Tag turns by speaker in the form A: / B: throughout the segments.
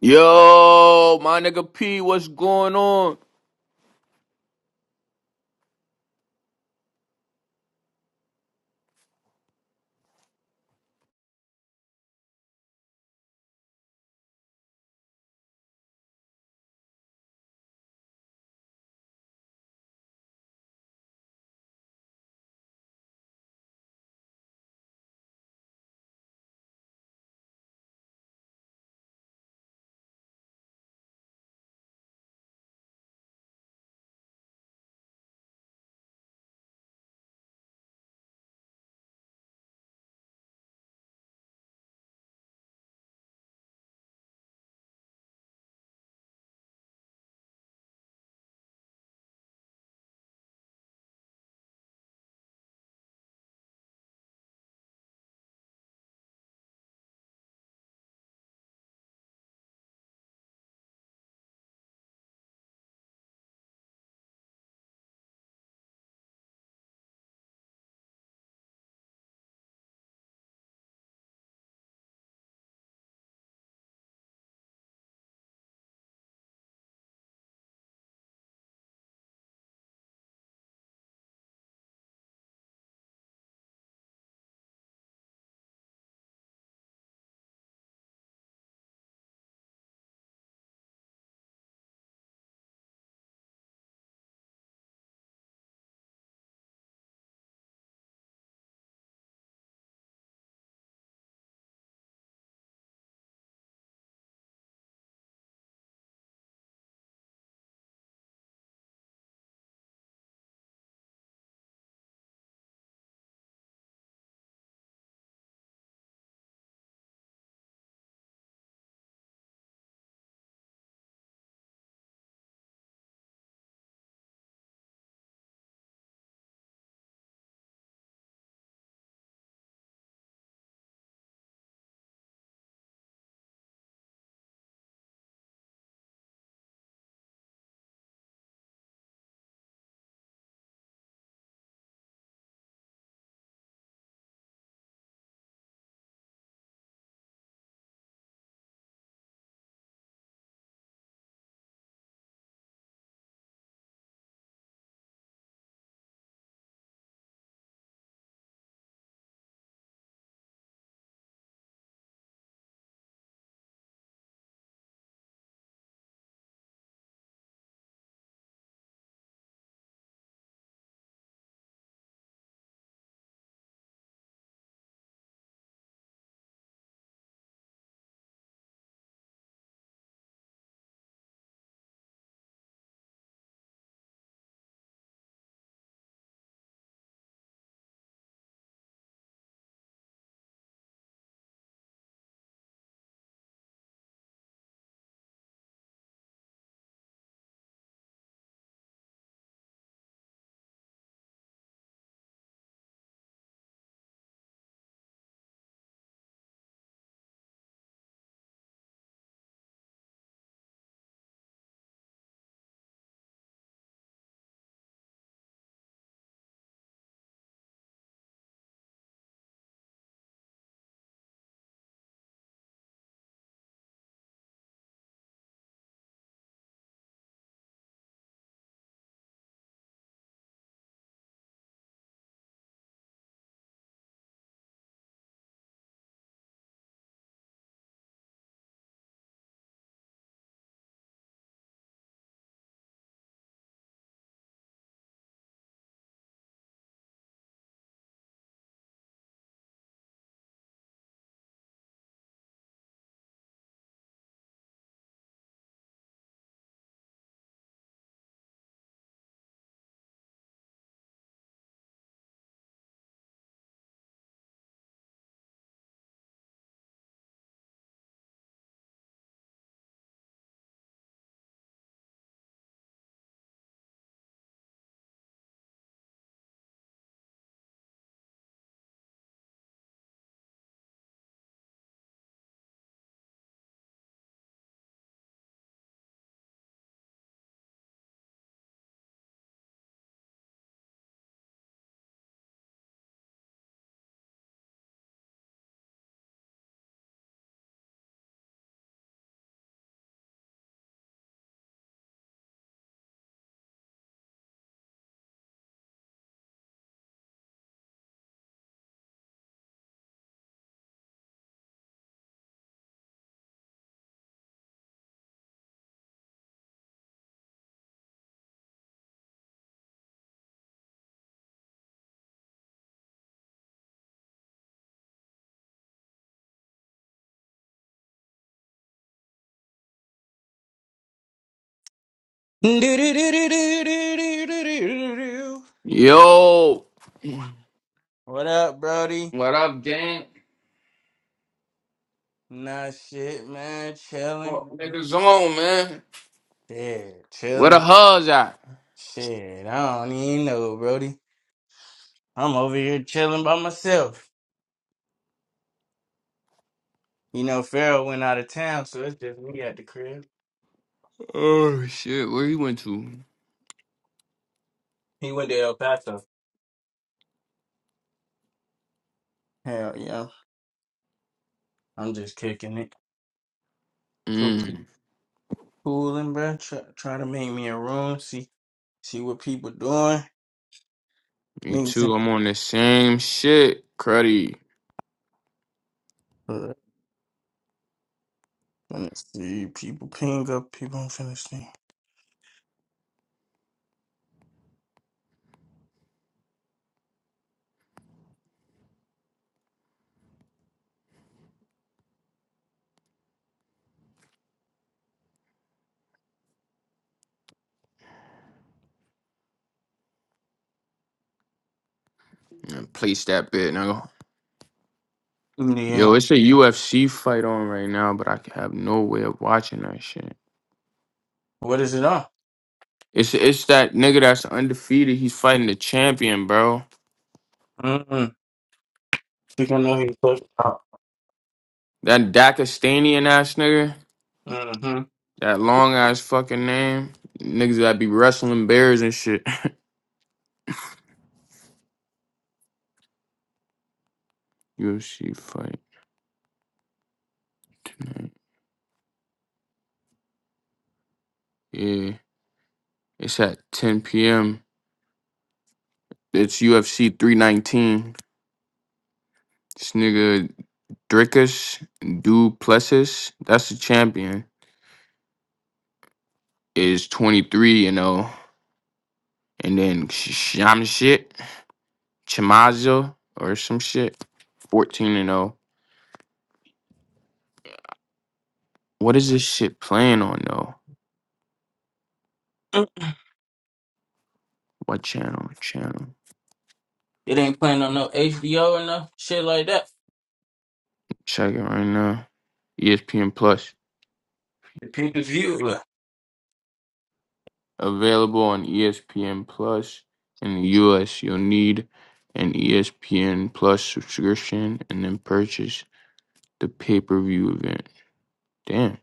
A: Yo, my nigga P, what's going on?
B: Do-do-do-do-do-do-do-do-do.
A: Yo,
B: What up, Brody?
A: what up, gang?
B: Nah, shit, man. Chilling.
A: What niggas on, man?
B: Yeah,
A: Where the
B: chilling.
A: hell's at?
B: Shit, I don't even know, Brody. I'm over here chilling by myself. You know, Pharaoh went out of town, so it's just me at the crib.
A: Oh shit, where he went to?
B: He went to El Paso. Hell yeah. I'm just kicking it. Cool.
A: Mm,
B: Cooling, bruh. Try, try to make me a room. See see what people doing.
A: me
B: Niggas.
A: too.
B: in-
A: I'm on the same shit, cruddy.
B: uh, Let me see. People ping up. People. I'm finna see.
A: And place that bit, nigga.
B: Yeah.
A: Yo, it's a UFC fight on right now, but I have no way of watching that shit.
B: What is it on?
A: It's it's that nigga that's undefeated. He's fighting the champion, bro.
B: Mm-hmm. You can know who you close out.
A: That Dakistanian ass nigga.
B: Mm-hmm.
A: That long ass fucking name. Niggas that be wrestling bears and shit. UFC fight. Yeah. It's at 10 p.m. It's UFC 319. This nigga Drickus Duplessis, that's the champion, is 23 and 0. And then Sh- Sham shit, Chimazo or some shit, 14 and 0. What is this shit playing on though? What channel? Channel.
B: It ain't playing on no HBO or no shit like that.
A: Check it right now. ESPN Plus.
B: The pay per view.
A: Available on ESPN Plus in the US, you'll need an ESPN Plus subscription and then purchase the pay-per-view event. Damn,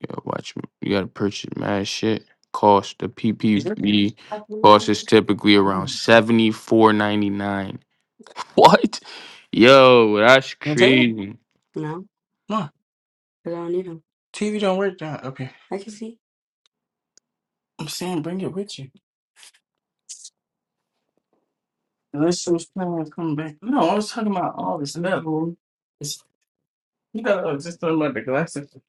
A: you gotta watch you gotta purchase mad shit. Cost the
B: Is it?
A: PPV cost is typically around
B: Mm.
A: seventy four ninety nine. What? Yo, that's
B: You take it?
A: crazy.
B: Come on. TV don't work that up here. I'm saying bring it with you. Unless those plans come back. No, I was talking about all this level. It's, you know, I was just talking about the glasses.